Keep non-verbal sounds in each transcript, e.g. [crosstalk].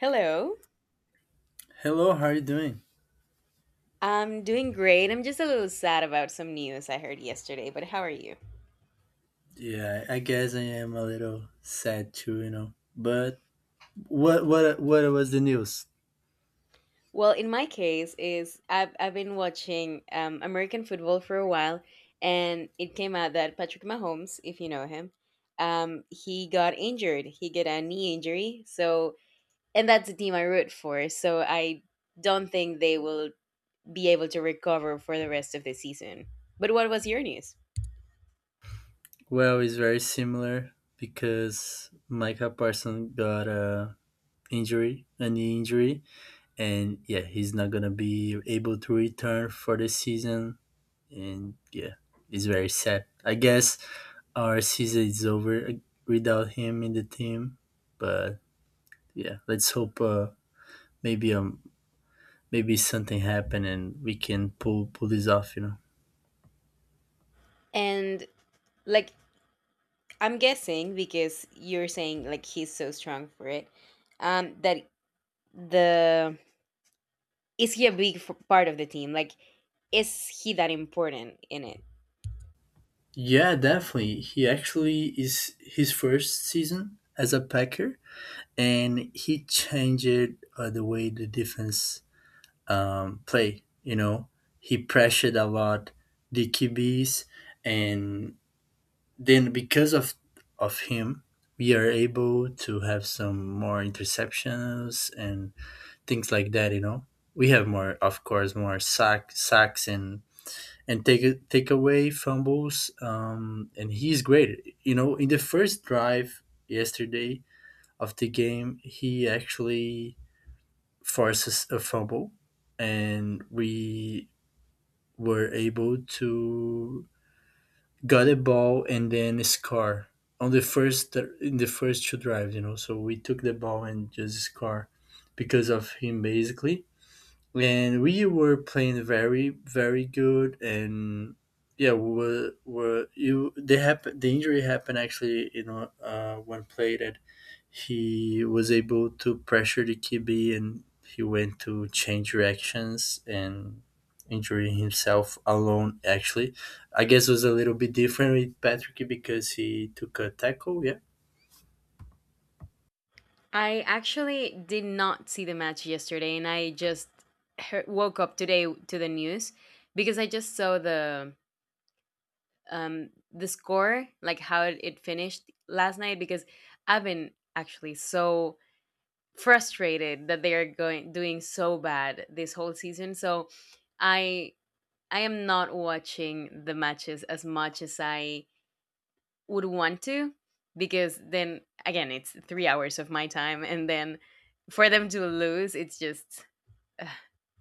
Hello. Hello, how are you doing? I'm doing great. I'm just a little sad about some news I heard yesterday, but how are you? Yeah, I guess I am a little sad too, But what was the news? Well, in my case is I've been watching American football for a while, and it came out that Patrick Mahomes, if you know him, he got injured. He got a knee injury. So, and that's the team I root for. So I don't think they will be able to recover for the rest of the season. But what was your news? Well, it's very similar because Micah Parsons got a injury, a knee injury, and yeah, he's not gonna be able to return for the season. And yeah, it's very sad. I guess our season is over without him in the team. But yeah, let's hope maybe a maybe something happen and we can pull this off. And like I'm guessing because you're saying like he's so strong for it. That the is he a big part of the team? Like, is he that important in it? Yeah, definitely, he actually is his first season as a packer, and he changed the way the defense play. He pressured a lot the qb's, and then because of him we are able to have some more interceptions and things like that. We have more, of course, more sacks and take it, take away fumbles. And he's great. You know, in the first drive yesterday of the game, he actually forces a fumble, and we were able to got a ball and then score on the first, in the first two drives. You know, so we took the ball and just score because of him basically, and we were playing very very good. And yeah, we were you, they happen, the injury happened actually, you know, one play that he was able to pressure the QB, and he went to change directions and injuring himself alone actually. I guess it was a little bit different with Patrick because he took a tackle, yeah. I actually did not see the match yesterday, and I just heard, woke up today to the news because I just saw the score, like how it finished last night. Because I've been actually so frustrated that they are going doing so bad this whole season. So I I am not watching the matches as much as I would want to because then again it's 3 hours of my time and then for them to lose it's just ugh,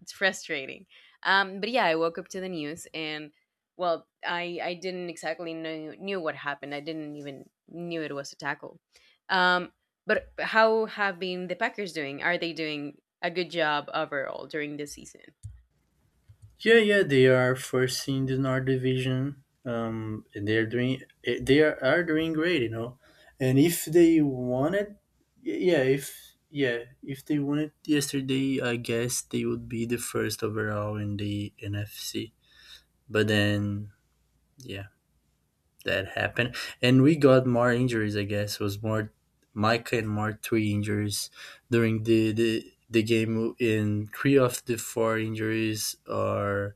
it's frustrating. But yeah, I woke up to the news and well, I didn't exactly know knew what happened. I didn't even knew it was a tackle. Um but how have been the Packers doing? Are they doing a good job overall during this season? Yeah, yeah, they are first in the North Division. And they're doing eh, they are doing great, you know. And if they won it, yeah, if yeah, if they won it yesterday, I guess they would be the first overall in the NFC. But then, yeah, that happened, and we got more injuries. I guess was more Micah and more three injuries during the game, in three of the four injuries are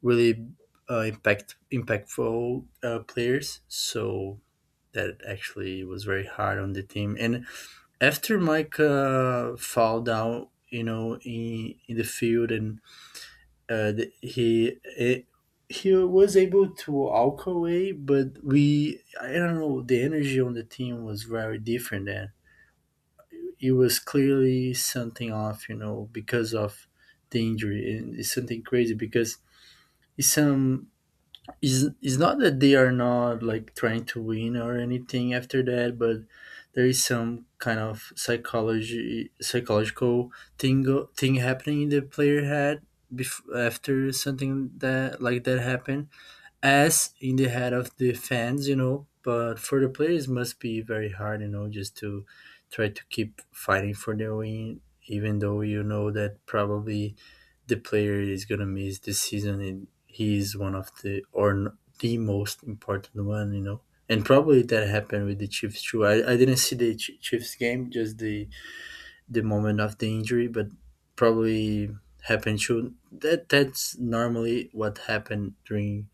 really impactful players. So that actually was very hard on the team. And after Mike fall down, you know, in the field, and the, he. It, he was able to walk away, but we, I don't know, the energy on the team was very different then. It was clearly something off, you know, because of the injury. And it's something crazy because it's some is it's not that they are not like trying to win or anything after that, but there is some kind of psychology psychological thing thing happening in the player head after something that like that happened, as in the head of the fans, you know. But for the players, must be very hard, you know, just to try to keep fighting for their win, even though you know that probably the player is going to miss this season, and he is one of the or the most important one, you know. And probably that happened with the Chiefs too. I didn't see the Chiefs game, just the moment of the injury, but probably happened too. That that's normally what happened during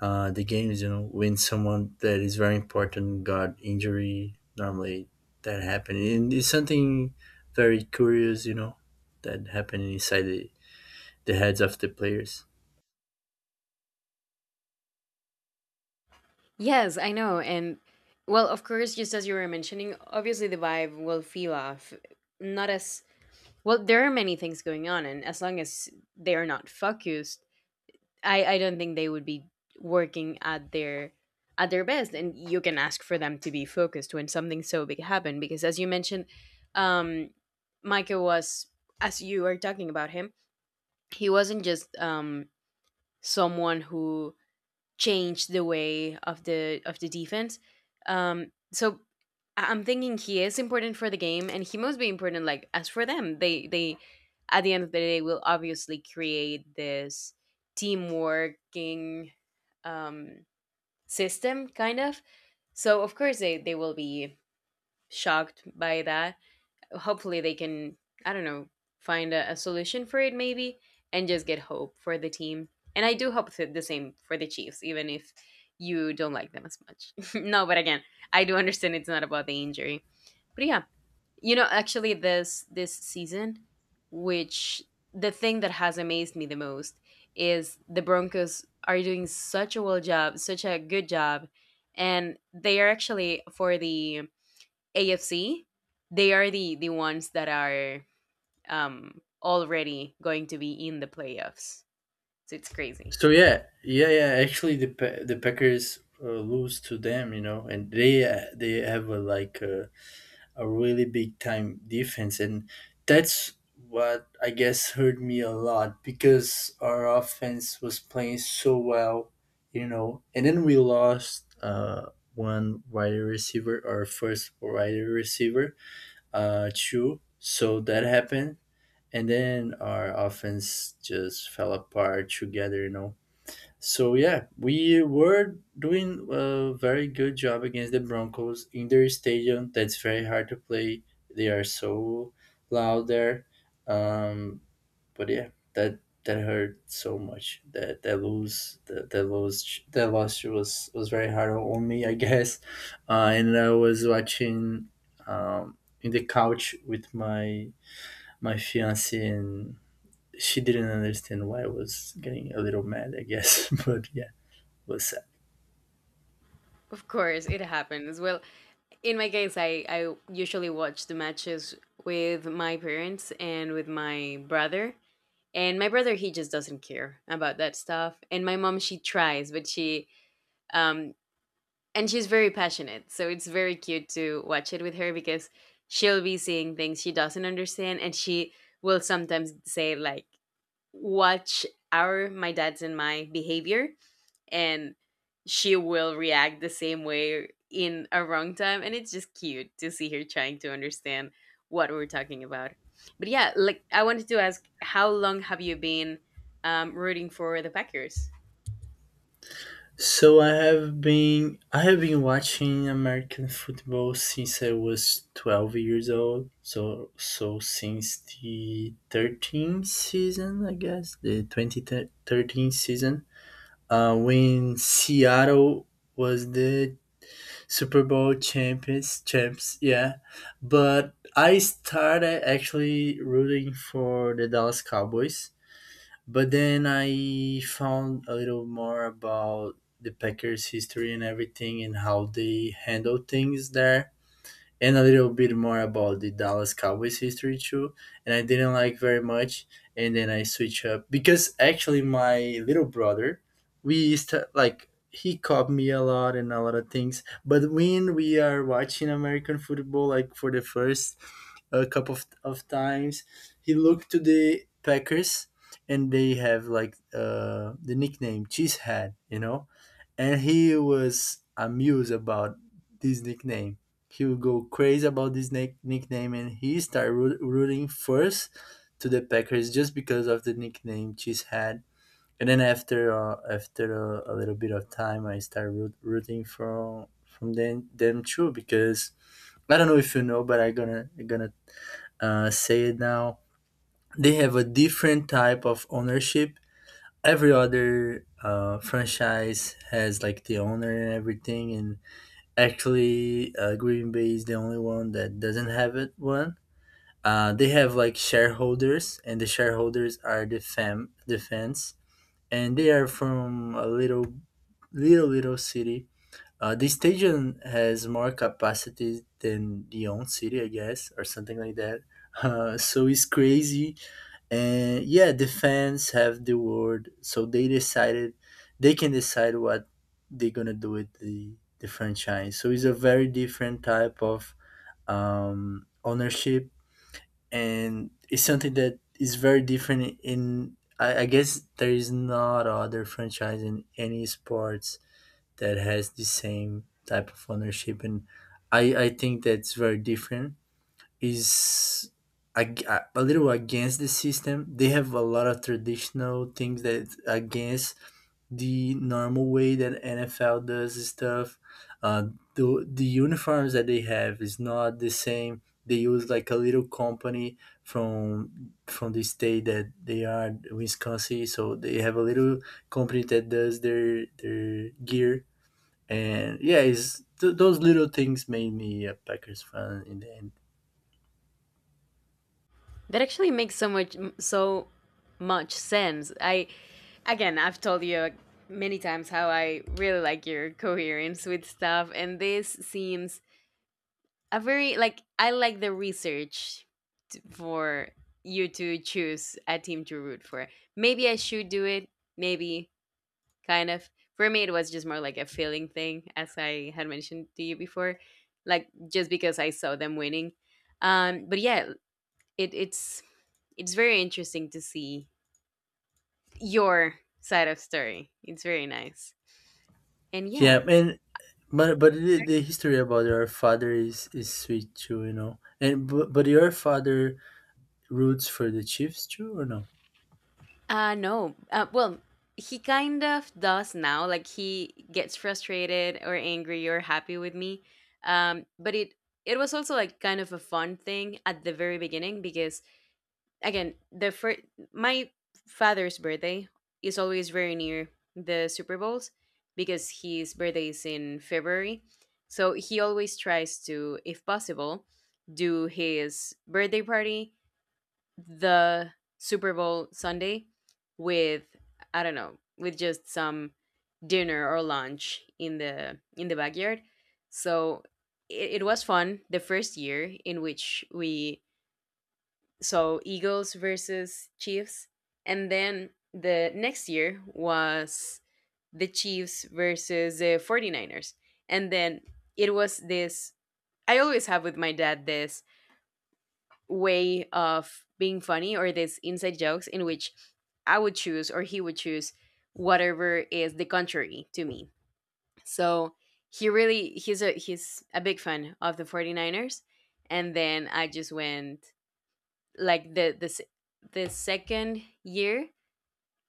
the games, you know, when someone that is very important got injury. Normally that happened, and it's something very curious, you know, that happened inside the heads of the players. Yes, I know. And well, of course, just as you were mentioning, obviously the vibe will feel off. Not as well, there are many things going on, and as long as they are not focused, I don't think they would be working at their best. And you can ask for them to be focused when something so big happened. Because as you mentioned, um Micah was as you were talking about him, he wasn't just someone who change the way of the defense. So I'm thinking he is important for the game, and he must be important. Like as for them, they at the end of the day will obviously create this team working um, system, kind of. So of course they will be shocked by that, hopefully they can, I don't know, find a solution for it maybe and just get hope for the team. And I do hope the same for the Chiefs, even if you don't like them as much. [laughs] No, but again I do understand it's not about the injury, but yeah, you know, actually this season, which, the thing that has amazed me the most is the Broncos are doing such a well job, such a good job, and they are actually for the AFC, they are the ones that are already going to be in the playoffs. So it's crazy. So yeah, yeah, yeah. Actually, the the Packers lose to them, you know, and they have a, like a really big time defense, and that's what I guess hurt me a lot because our offense was playing so well, you know, and then we lost one wide receiver, our first wide receiver, Chu. So that happened, and then our offense just fell apart together, you know. So yeah, we were doing a very good job against the Broncos in their stadium. That's very hard to play. They are so loud there. Um, but yeah, that that hurt so much. That that lose that loss was very hard on me, I guess. And I was watching in the couch with my my fiance, and she didn't understand why I was getting a little mad, I guess. [laughs] But yeah, it was sad. Of course, it happens. Well, in my case, I usually watch the matches with my parents and with my brother. And my brother, he just doesn't care about that stuff. And my mom, she tries, but she, um, and she's very passionate. So it's very cute to watch it with her because she'll be seeing things she doesn't understand and she will sometimes say, like, watch our my dad's and my behavior, and she will react the same way in a wrong time, and it's just cute to see her trying to understand what we're talking about. But yeah, like, I wanted to ask, how long have you been rooting for the Packers? So I have been watching American football since I was 12 years old. So so since the 13th season, I guess, the 2013 season, when Seattle was the Super Bowl champions champs, yeah. But I started actually rooting for the Dallas Cowboys. But then I found a little more about the Packers' history and everything and how they handle things there, and a little bit more about the Dallas Cowboys history too. And I didn't like very much. And then I switch up because actually my little brother, we used to like, he caught me a lot and a lot of things. But when we are watching American football, like for the first a couple of times, he looked to the Packers, and they have like the nickname Cheesehead, you know, and he was amused about this nickname. He'll go crazy about this nickname, and he started rooting first to the Packers just because of the nickname Cheese had. And then after a little bit of time, I started rooting from them too because I don't know if you know, but I'm gonna say it now. They have a different type of ownership. Every other franchise has like the owner and everything, and actually, Green Bay is the only one that doesn't have it. One, they have like shareholders, and the shareholders are the the fans, and they are from a little, little, little city. The stadium has more capacity than the own city, I guess, or something like that. [laughs] So it's crazy, and yeah, the fans have the word, so they decided they can decide what they're gonna do with the franchise. So it's a very different type of ownership, and it's something that is very different in I guess there is not other franchise in any sports that has the same type of ownership. And I think that's very different is a little against the system. They have a lot of traditional things that against the normal way that NFL does stuff. Uh, the uniforms that they have is not the same. They use like a little company from the state that they are Wisconsin, so they have a little company that does their gear. And yeah, it's those little things made me a Packers fan in the end. That actually makes so much so much sense. I, again, I've told you many times how I really like your coherence with stuff, and this seems a very, like, I like the research for you to choose a team to root for. Maybe I should do it. Maybe, kind of. For me, it was just more like a feeling thing, as I had mentioned to you before, like just because I saw them winning. But yeah, it, it's it's very interesting to see your side of story. It's very nice, and yeah. Yeah, and but the history about your father is sweet too, you know. And but your father roots for the Chiefs too, or no? No. Well, he kind of does now. Like he gets frustrated or angry or happy with me. But it was also like kind of a fun thing at the very beginning because again, the first my father's birthday is always very near the Super Bowls because his birthday is in February. So he always tries to, if possible, do his birthday party the Super Bowl Sunday with, I don't know, with just some dinner or lunch in the backyard. So it was fun the first year in which we saw Eagles versus Chiefs, and then the next year was the Chiefs versus the 49ers. And then it was this, I always have with my dad this way of being funny or these inside jokes in which I would choose or he would choose whatever is the contrary to me. So he really he's a big fan of the 49ers, and then I just went like the the second year,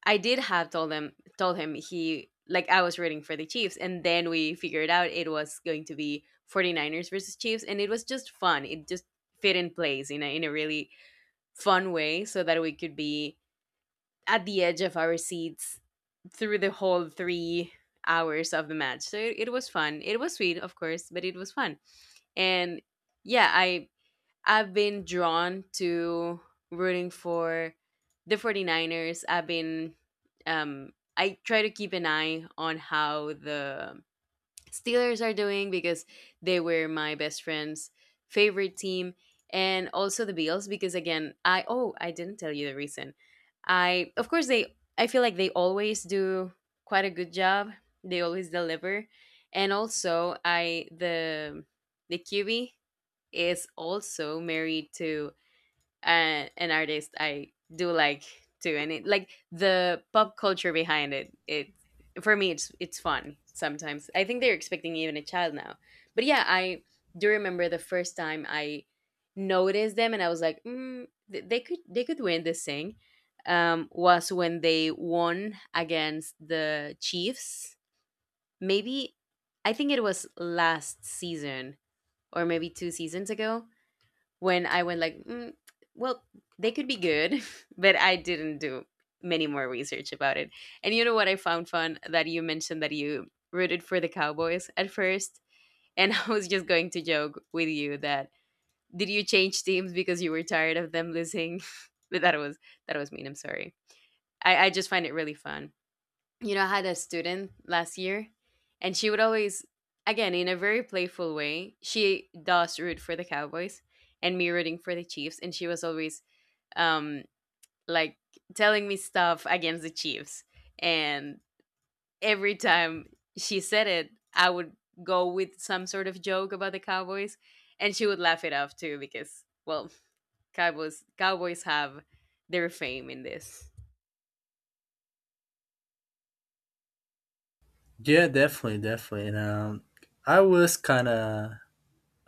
I did have told them told him, he like I was rooting for the Chiefs, and then we figured out it was going to be 49ers versus Chiefs, and it was just fun. It just fit in place in a really fun way so that we could be at the edge of our seats through the whole 3 hours of the match. So it was fun. It was sweet, of course, but it was fun. And yeah, I I've been drawn to rooting for the 49ers. I've been I try to keep an eye on how the Steelers are doing because they were my best friend's favorite team, and also the Bills because again, I, oh, I didn't tell you the reason. I, of course, they, I feel like they always do quite a good job. They always deliver, and also I the QB is also married to and an artist I do like too, and it like the pop culture behind it. It for me, it's fun sometimes. I think they're expecting even a child now, but yeah, I do remember the first time I noticed them, and I was like, mm, they could win this thing. Was when they won against the Chiefs. Maybe, I think it was last season or maybe two seasons ago when I went like, mm, well, they could be good, [laughs] but I didn't do many more research about it. And you know what I found fun that you mentioned that you rooted for the Cowboys at first, and [laughs] I was just going to joke with you that did you change teams because you were tired of them losing? [laughs] But that was mean. I'm sorry. I just find it really fun. You know, I had a student last year, and she would always, again, in a very playful way, she does root for the Cowboys and me rooting for the Chiefs, and she was always um like telling me stuff against the Chiefs, and every time she said it, I would go with some sort of joke about the Cowboys, and she would laugh it off too because, well, Cowboys have their fame in this. Yeah, definitely, definitely. And I was kind of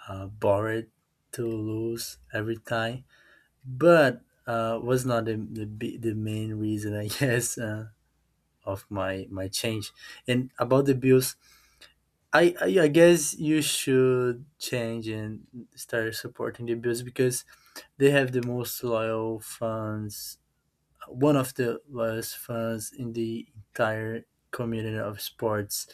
bored to lose every time, but was not the the, the main reason, I [laughs] guess, of my my change. And about the Bills, I guess you should change and start supporting the Bills because they have the most loyal fans, one of the loyalest fans in the entire community of sports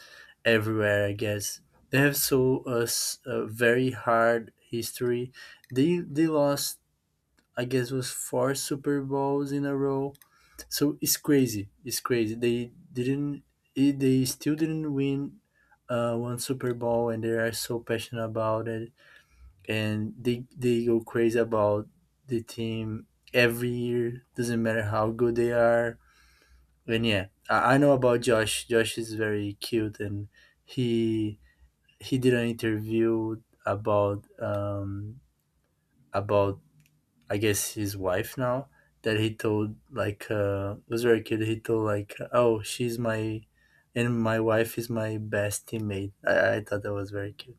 everywhere, I guess. They have so us a very hard history. They lost, I guess, was four Super Bowls in a row. So it's crazy. It's crazy. They didn't. They still didn't win one Super Bowl, and they are so passionate about it, and they go crazy about the team every year. Doesn't matter how good they are. And yeah, I know about Josh. Josh is very cute, and he he did an interview about um about I guess his wife now that he told like it was very cute. He told like, oh, she's my and my wife is my best teammate. I thought that was very cute.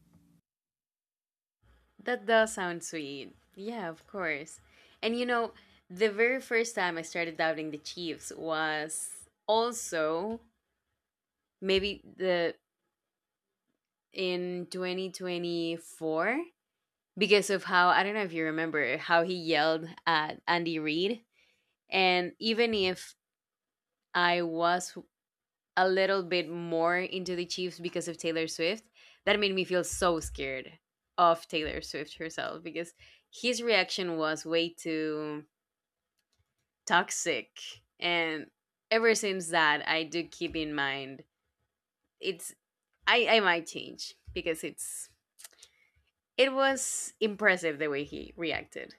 That does sound sweet. Yeah, of course. And you know, the very first time I started doubting the Chiefs was also maybe the in 2024 because of how, I don't know if you remember, how he yelled at Andy Reid, and even if I was a little bit more into the Chiefs because of Taylor Swift, that made me feel so scared of Taylor Swift herself because his reaction was way too toxic, and ever since that I do keep in mind it's I might change because it's it was impressive the way he reacted.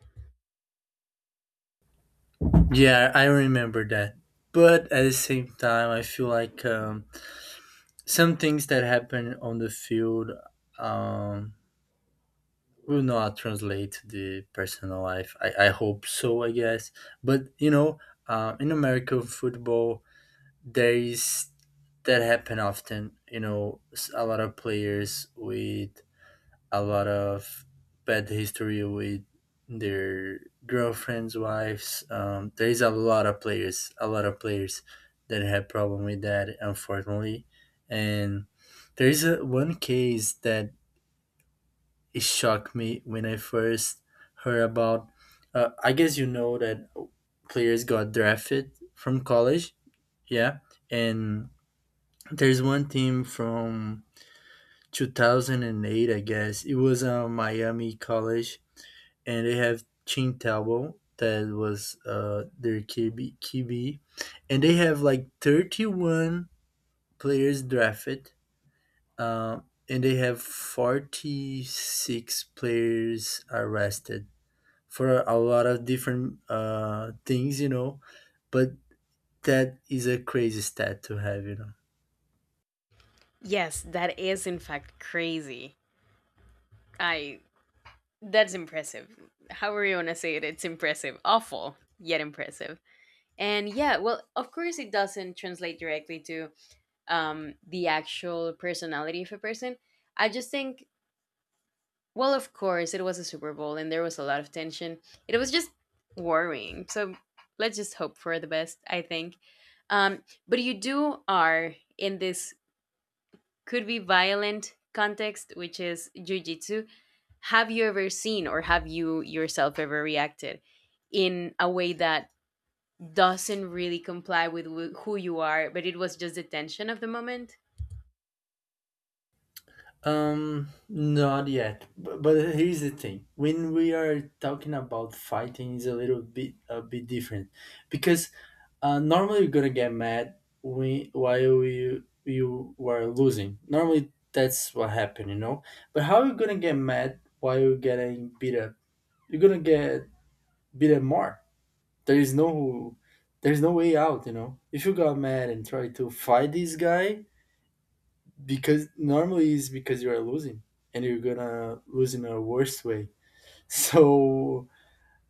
Yeah, I remember that. But at the same time, I feel like some things that happen on the field um, will not translate to the personal life. I hope so, I guess. But, you know, in American football, there is that happen often. You know, a lot of players with a lot of bad history with their girlfriends, wives. There is a lot of players, a lot of players that have problem with that, unfortunately. And there is a, one case that it shocked me when I first heard about. I guess you know that players got drafted from college, yeah. And there's one team from 2008, I guess it was a Miami college, and they have Chin that was their QB, and they have like 31 players drafted, uh, and they have 46 players arrested for a lot of different things, you know. But that is a crazy stat to have. Yes, that is in fact crazy. I That's impressive, however you want to say it. It's impressive, awful yet impressive. And yeah, well, of course, it doesn't translate directly to the actual personality of a person. I just think, well, of course, it was a Super Bowl and there was a lot of tension. It was just worrying. So let's just hope for the best, I think. But you do are in this could be violent context, which is jujitsu. Have you ever seen, or have you yourself ever reacted in a way that doesn't really comply with who you are, but it was just the tension of the moment? Not yet. But here's the thing: when we are talking about fighting, is a little bit a bit different because normally you're gonna get mad when while you were losing. Normally that's what happened. But how you gonna get mad while you're getting beat up? You're gonna get beat up more. There is no there's no way out. If you got mad and try to fight this guy, because normally is because you are losing and you're gonna lose in a worse way [laughs] so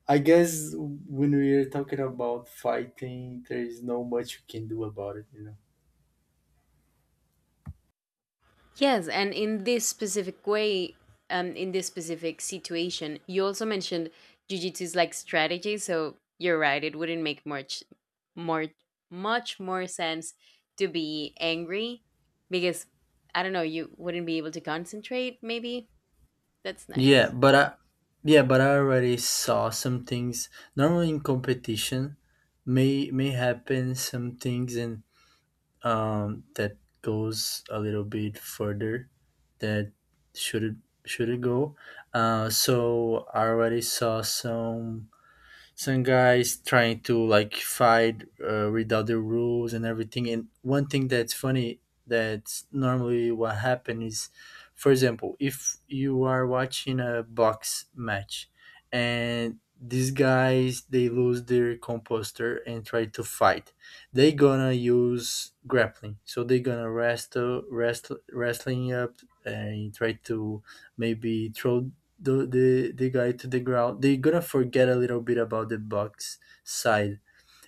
I guess when we're talking about fighting, there is no much you can do about it. Yes, and in this specific way, in this specific situation, you also mentioned jujitsu is like strategy. So you're right; it wouldn't make much, more, much more sense to be angry because I don't know, you wouldn't be able to concentrate. Maybe that's Yeah, nice. but I yeah, but I already saw some things. Normally in competition may happen some things, and that goes a little bit further that should go. So I already saw some guys trying to like fight without the rules and everything. And one thing that's funny, that's normally what happens is, for example, if you are watching a box match and these guys they lose their composure and try to fight, they gonna use grappling, so they gonna wrestle, wrestle wrestling up and try to maybe throw the guy to the ground. They're gonna forget a little bit about the Bucks side,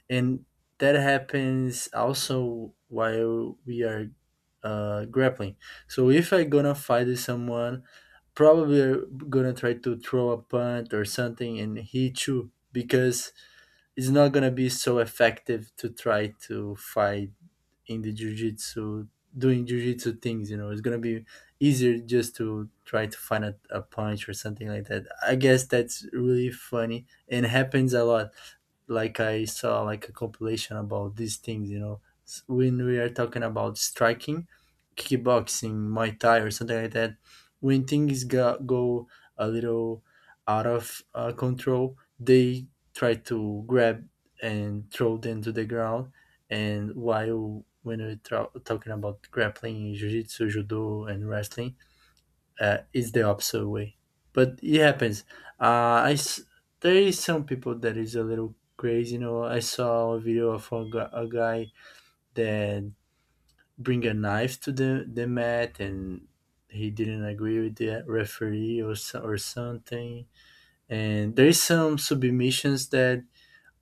and that happens also while we are grappling. So if I gonna fight with someone, probably are gonna try to throw a punt or something and hit you because it's not gonna be so effective to try to fight in the jujitsu, doing jujitsu things. It's gonna be easier just to try to find a punch or something like that. I guess that's really funny and happens a lot, like I saw like a compilation about these things, when we are talking about striking, kickboxing, Muay Thai, or something like that, when things go a little out of control, they try to grab and throw them to the ground. And while when we're talking about grappling, jiu-jitsu, judo, and wrestling, is the opposite way. But it happens. Uh, I s- there is some people that is a little crazy. I saw a video of a guy that bring a knife to the mat, and he didn't agree with the referee or so, or something. And there is some submissions that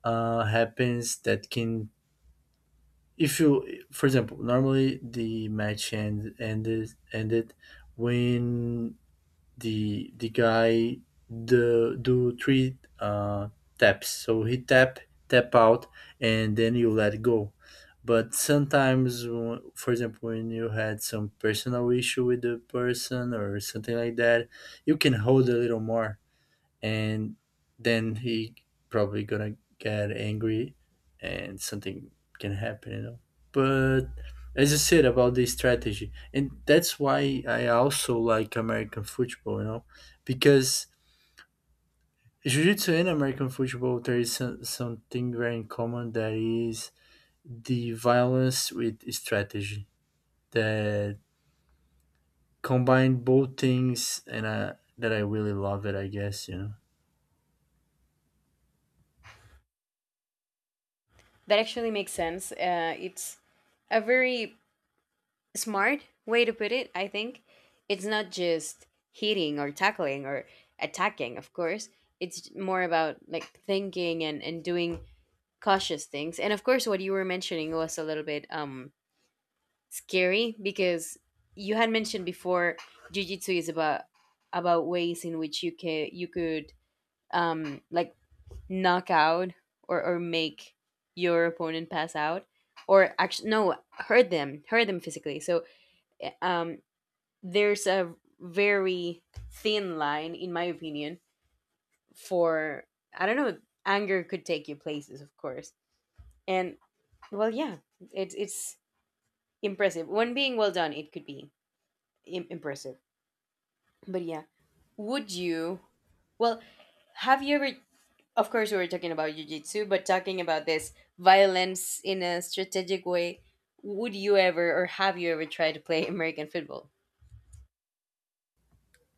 happens that can, if you, for example, normally the match ended when the guy the do three taps. So he tap out, and then you let go. But sometimes, for example, when you had some personal issue with the person or something like that, you can hold a little more, and then he probably gonna get angry, and something can happen, but as you said about the strategy, and that's why I also like American football, because jiu-jitsu and American football there is something very in common, that is the violence with strategy, that combine both things, and that I really love it, I guess. That actually makes sense. It's a very smart way to put it, I think. It's not just hitting or tackling or attacking, of course. It's more about like thinking and doing cautious things. And of course, what you were mentioning was a little bit scary because you had mentioned before jiu-jitsu is about ways in which you could like knock out or make your opponent pass out or actually no, hurt them, hurt them physically. So uh, um there's a very thin line in my opinion for, I don't know, anger could take you places, of course. And well, yeah, it's impressive. When being well done, it could be impressive. But yeah, would you well have you ever, of course we were talking about jiu-jitsu, but talking about this violence in a strategic way, would you ever or have you ever tried to play [laughs] American football?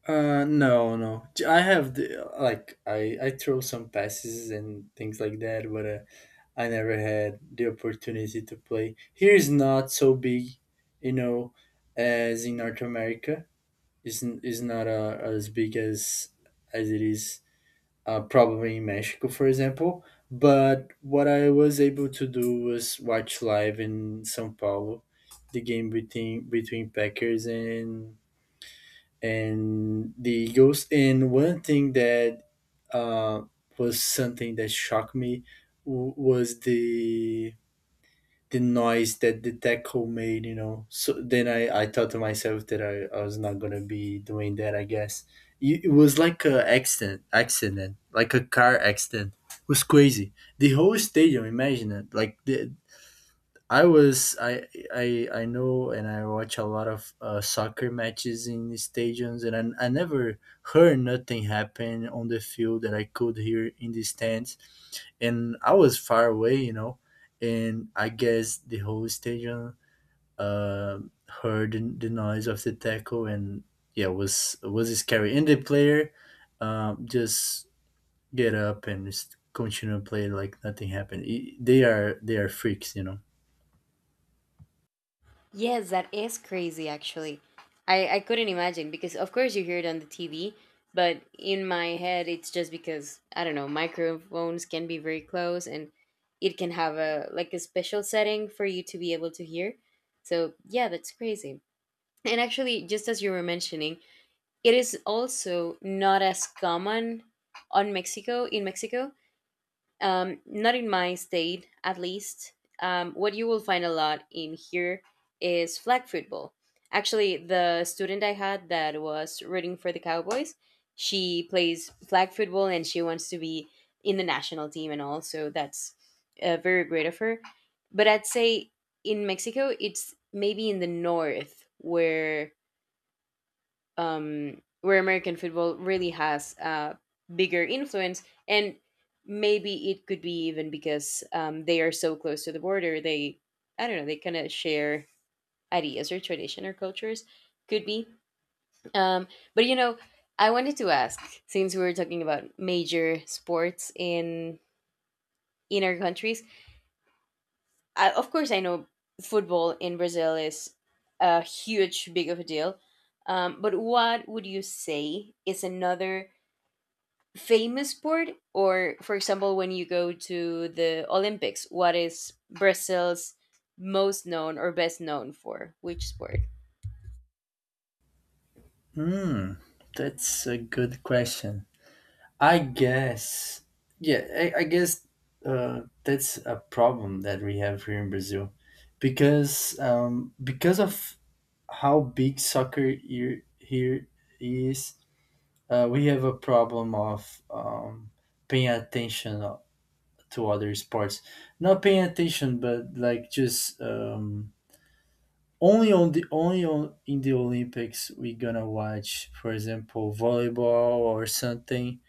No, no. I have the like I throw some passes and things like that, but I never had the opportunity to play. Here is not so big, you know, as in North America. Is not as big as it is probably in Mexico, for example. But what I was able to do was watch live in São Paulo, the game between Packers and the Eagles. And one thing that uh, was something that shocked me was the noise that the tackle made. So then I thought to myself that I was not gonna be doing that. I guess it was like a accident, like a car accident. It was crazy. The whole stadium, imagine it. Like the I was I know, and I watch a lot of soccer matches in the stadiums, and I never heard nothing happen on the field that I could hear in the stands. And I was far away, and I guess the whole stadium uh, heard the noise of the tackle. And yeah, was scary, and the player just get up and continue to play like nothing happened. They are they are freaks. Yes, that is crazy actually. I couldn't imagine, because of course you hear it on the TV, but in my head it's just because, I don't know, microphones can be very close and it can have a like a special setting for you to be able to hear. So, yeah, that's crazy. And actually, just as you were mentioning, it is also not as common on Mexico in Mexico, not in my state at least. What you will find a lot in here is flag football. Actually, the student I had that was rooting for the Cowboys, she plays flag football and she wants to be in the national team and all, so that's very great of her. But I'd say in Mexico, it's maybe in the north where, where American football really has a bigger influence. And maybe it could be even because they are so close to the border. They, I don't know, they kind of share ideas or tradition or cultures. Could be. um, but you know, I wanted to ask, since we were talking about major sports in our countries. I, of course, I know football in Brazil is a huge, big of a deal. But what would you say is another famous sport? Or, for example, when you go to the Olympics, what is Brazil's most known or best known for? Which sport? Hmm, that's a good question. I guess, yeah, I guess that's a problem that we have here in Brazil, because of how big soccer here is, we have a problem of paying attention to other sports. Not paying attention, but like just only on in the Olympics we gonna watch, for example, volleyball or something.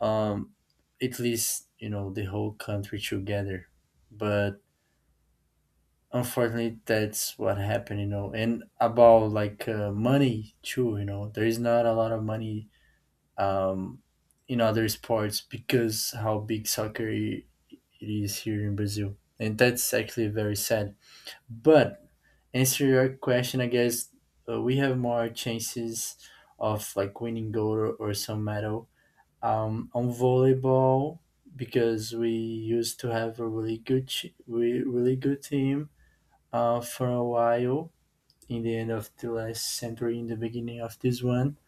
Um, at least you know the whole country together. But unfortunately, that's what happened. And about like money too. There is not a lot of money um, in other sports because how big soccer it is here in Brazil, and that's actually very sad. But answer your question, I guess we have more chances of like winning gold, or some medal. On volleyball, because we used to have a really good team for a while in the end of the last century, in the beginning of this one,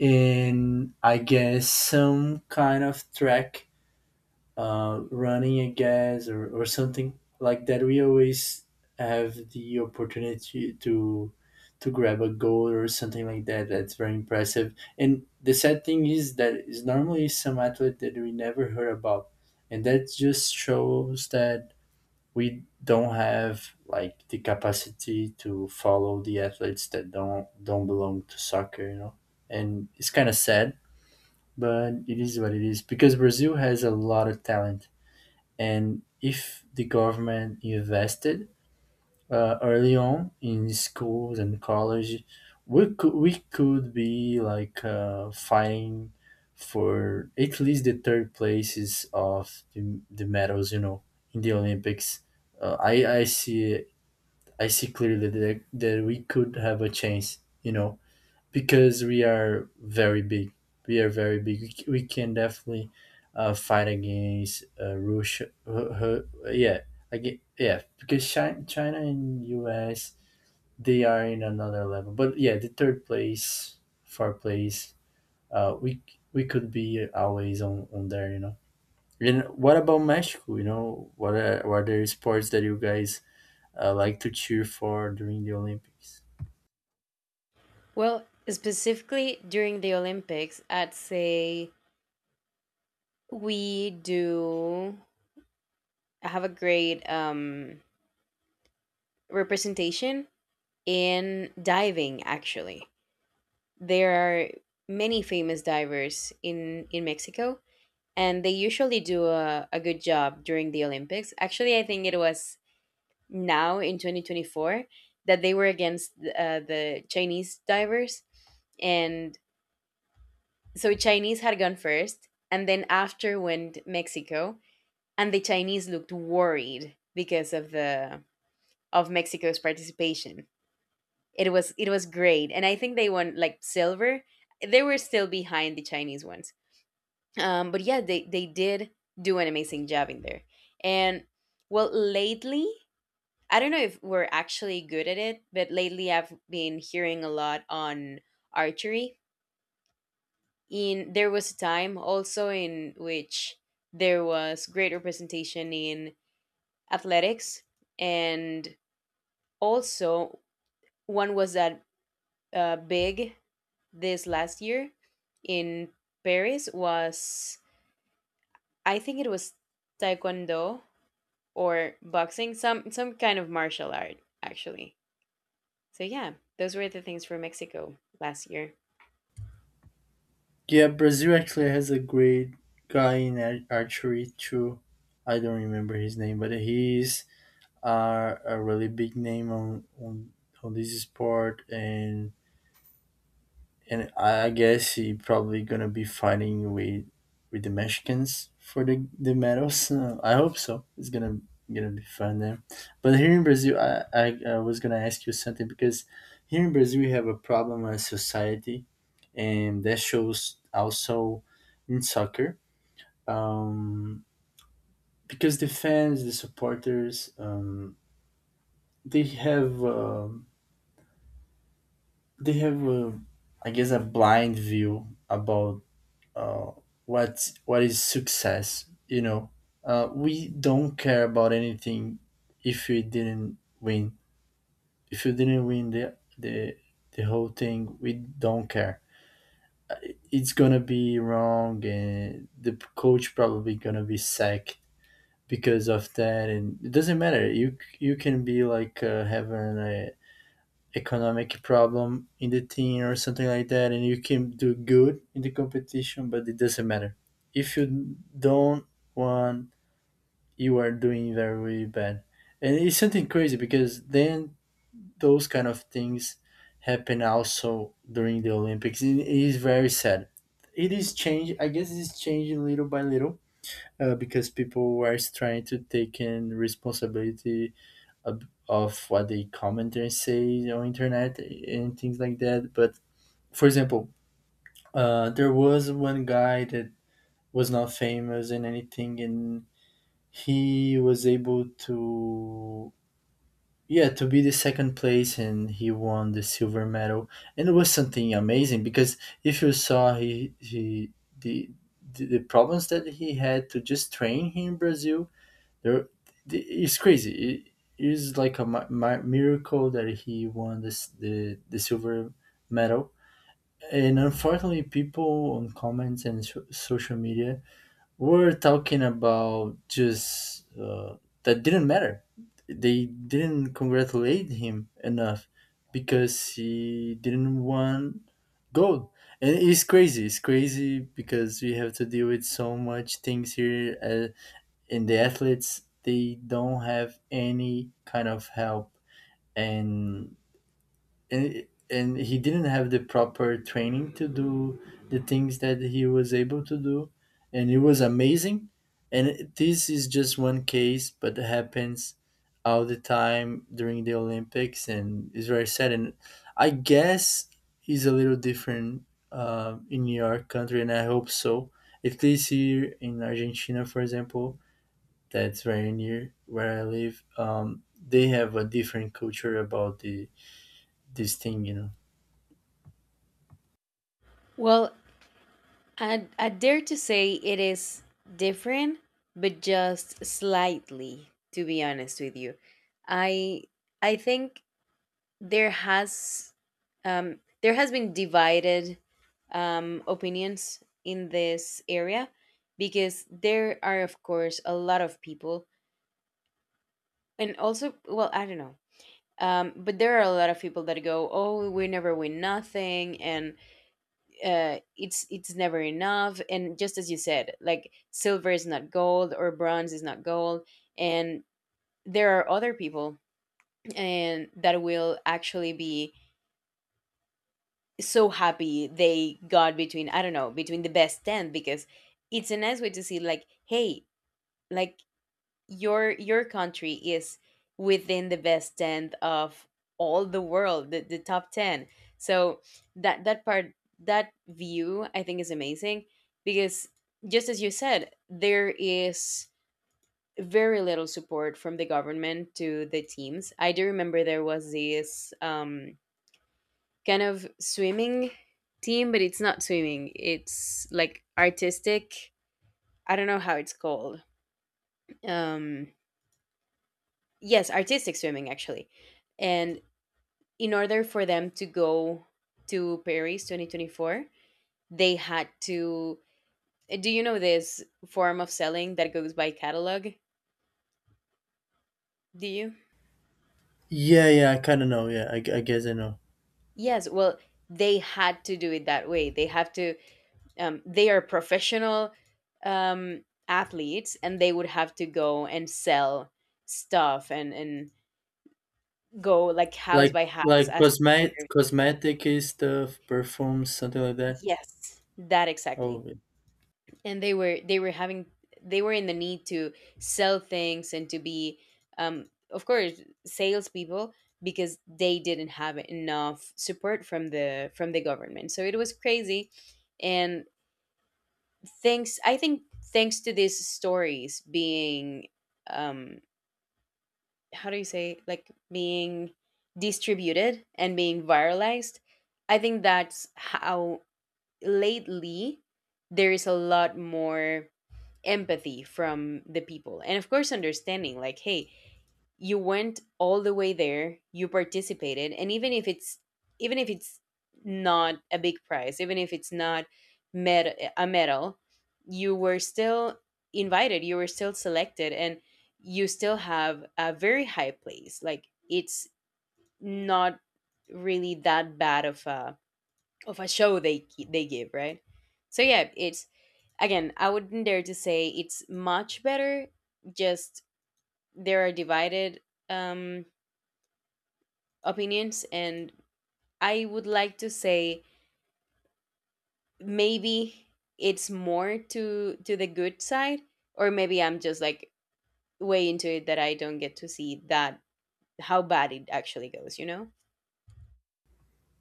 and I guess some kind of track, running a gas or, something like that, we always have the opportunity to grab a goal or something like that. That's very impressive, and the sad thing is that is normally some athlete that we never heard about, and that just shows that we don't have like the capacity to follow the athletes that don't belong to soccer. And it's kind of sad, but it is what it is because Brazil has a lot of talent, and if the government invested early on in schools and college, we could be like fighting for at least the third places of the medals, in the Olympics. Uh, I I see I see clearly that we could have a chance, because we are very big. We are very big. We can definitely fight against Russia. Uh, yeah, again, yeah, because China and U.S., they are in another level. But yeah, the third place, fourth place, uh, we we could be always on there. You know. And what about Mexico? What are the sports that you guys like to cheer for during the Olympics? Well, specifically during the Olympics, I'd say we do have a great representation in diving, actually. There are many famous divers in Mexico, and they usually do a good job during the Olympics. Actually, I think it was now in 2024 that they were against the Chinese divers. And so Chinese had gone first, and then after went Mexico, and the Chinese looked worried because of the of Mexico's participation. It was, it was great, and I think they won like silver. They were still behind the Chinese ones, but yeah, they did do an amazing job in there. And well, lately, I don't know if we're actually good at it, but lately I've been hearing a lot on archery. In, there was a time also in which there was great representation in athletics, and also one was that big, this last year in Paris, was, I think it was taekwondo or boxing, some kind of martial art actually. So yeah, those were the things for Mexico last year. Yeah, Brazil actually has a great guy in archery too. I don't remember his name, but he's a really big name on this sport, and I guess he probably gonna be fighting with the Mexicans for the medals. [laughs] I hope so. It's gonna be fun there. But here in Brazil, I was gonna ask you something because here in Brazil we have a problem as society, and that shows also in soccer, um, because the fans, the supporters, they have uh, they have I guess a blind view about uh, what is success. We don't care about anything if we didn't win. If you didn't win the whole thing, we don't care. It's gonna be wrong, and the coach probably gonna be sacked because of that, and it doesn't matter, you can be like having a economic problem in the team or something like that, and you can do good in the competition, but it doesn't matter if you don't want, you are doing very really bad. And it's something crazy because then those kind of things happen also during the Olympics. It is very sad. It is change I guess it is changing little by little, because people were trying to take in responsibility of, what they comment and say on internet and things like that. But for example, there was one guy that was not famous in anything, and he was able to, yeah, to be the second place, and he won the silver medal, and it was something amazing because if you saw, he the the problems that he had to just train here in Brazil. There, it's crazy. It is like a miracle that he won this the silver medal. And unfortunately, people on comments and social media were talking about just that didn't matter. They didn't congratulate him enough because he didn't won gold. And it's crazy. It's crazy because we have to deal with so much things here. And the athletes they don't have any kind of help, and he didn't have the proper training to do the things that he was able to do. And it was amazing. And this is just one case, but it happens all the time during the Olympics, and it's very sad. And I guess it's a little different in your country, and I hope so. At least here in Argentina, for example, that's very near where I live, they have a different culture about the this thing, you know. Well, I dare to say it is different, but just slightly, to be honest with you. I I think there has, there has been divided opinions in this area, because there are of course a lot of people, and also well I don't know, but there are a lot of people that go, oh, we never win nothing, and it's never enough, and just as you said, like silver is not gold or bronze is not gold. And there are other people, and that will actually be so happy they got between, I don't know, between the best 10, because it's a nice way to see like, hey, like your country is within the best 10th of all the world, the top 10. So that that part, that view, I think is amazing because, just as you said, there is very little support from the government to the teams. I do remember there was this, kind of swimming team, but it's not swimming, it's like artistic, I don't know how it's called. um yes, artistic swimming, actually. And in order for them to go to Paris 2024, they had to, do you know this form of selling that goes by catalog? Do you? Yeah, yeah, I kind of know. Yeah, I guess I know. Yes, well, they had to do it that way. They have to, they are professional athletes, and they would have to go and sell stuff, and go like house Like by house like asking for, cosmetic for- cosmetic stuff, perfumes, something like that. yes, that exactly. Oh, And they were having, they were in the need to sell things and to be, um of course, salespeople, because they didn't have enough support from the government. So it was crazy. And thanks, I think, thanks to these stories being, um how do you say, like being distributed and being viralized, I think that's how lately there is a lot more empathy from the people, and of course understanding like, hey, you went all the way there, you participated, and even if it's, even if it's not a big prize, even if it's not a medal, you were still invited, you were still selected, and you still have a very high place. Like, it's not really that bad of a show they give, right? So yeah, it's, again, I wouldn't dare to say it's much better. Just, there are divided um, opinions, and I would like to say maybe it's more to the good side. Or maybe I'm just like way into it that I don't get to see that how bad it actually goes, you know?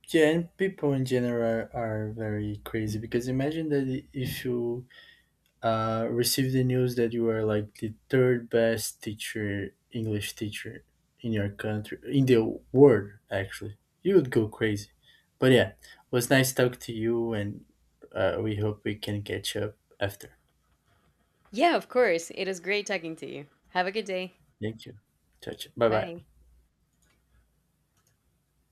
yeah, and people in general are very crazy because imagine that, if you received the news that you were like the third best teacher, English teacher, in your country, in the world, actually, you would go crazy. But yeah, it was nice talk to you, and we hope we can catch up after. Yeah, of course. It is great talking to you. Have a good day. Thank you. Ciao, ciao. Bye Bye. bye.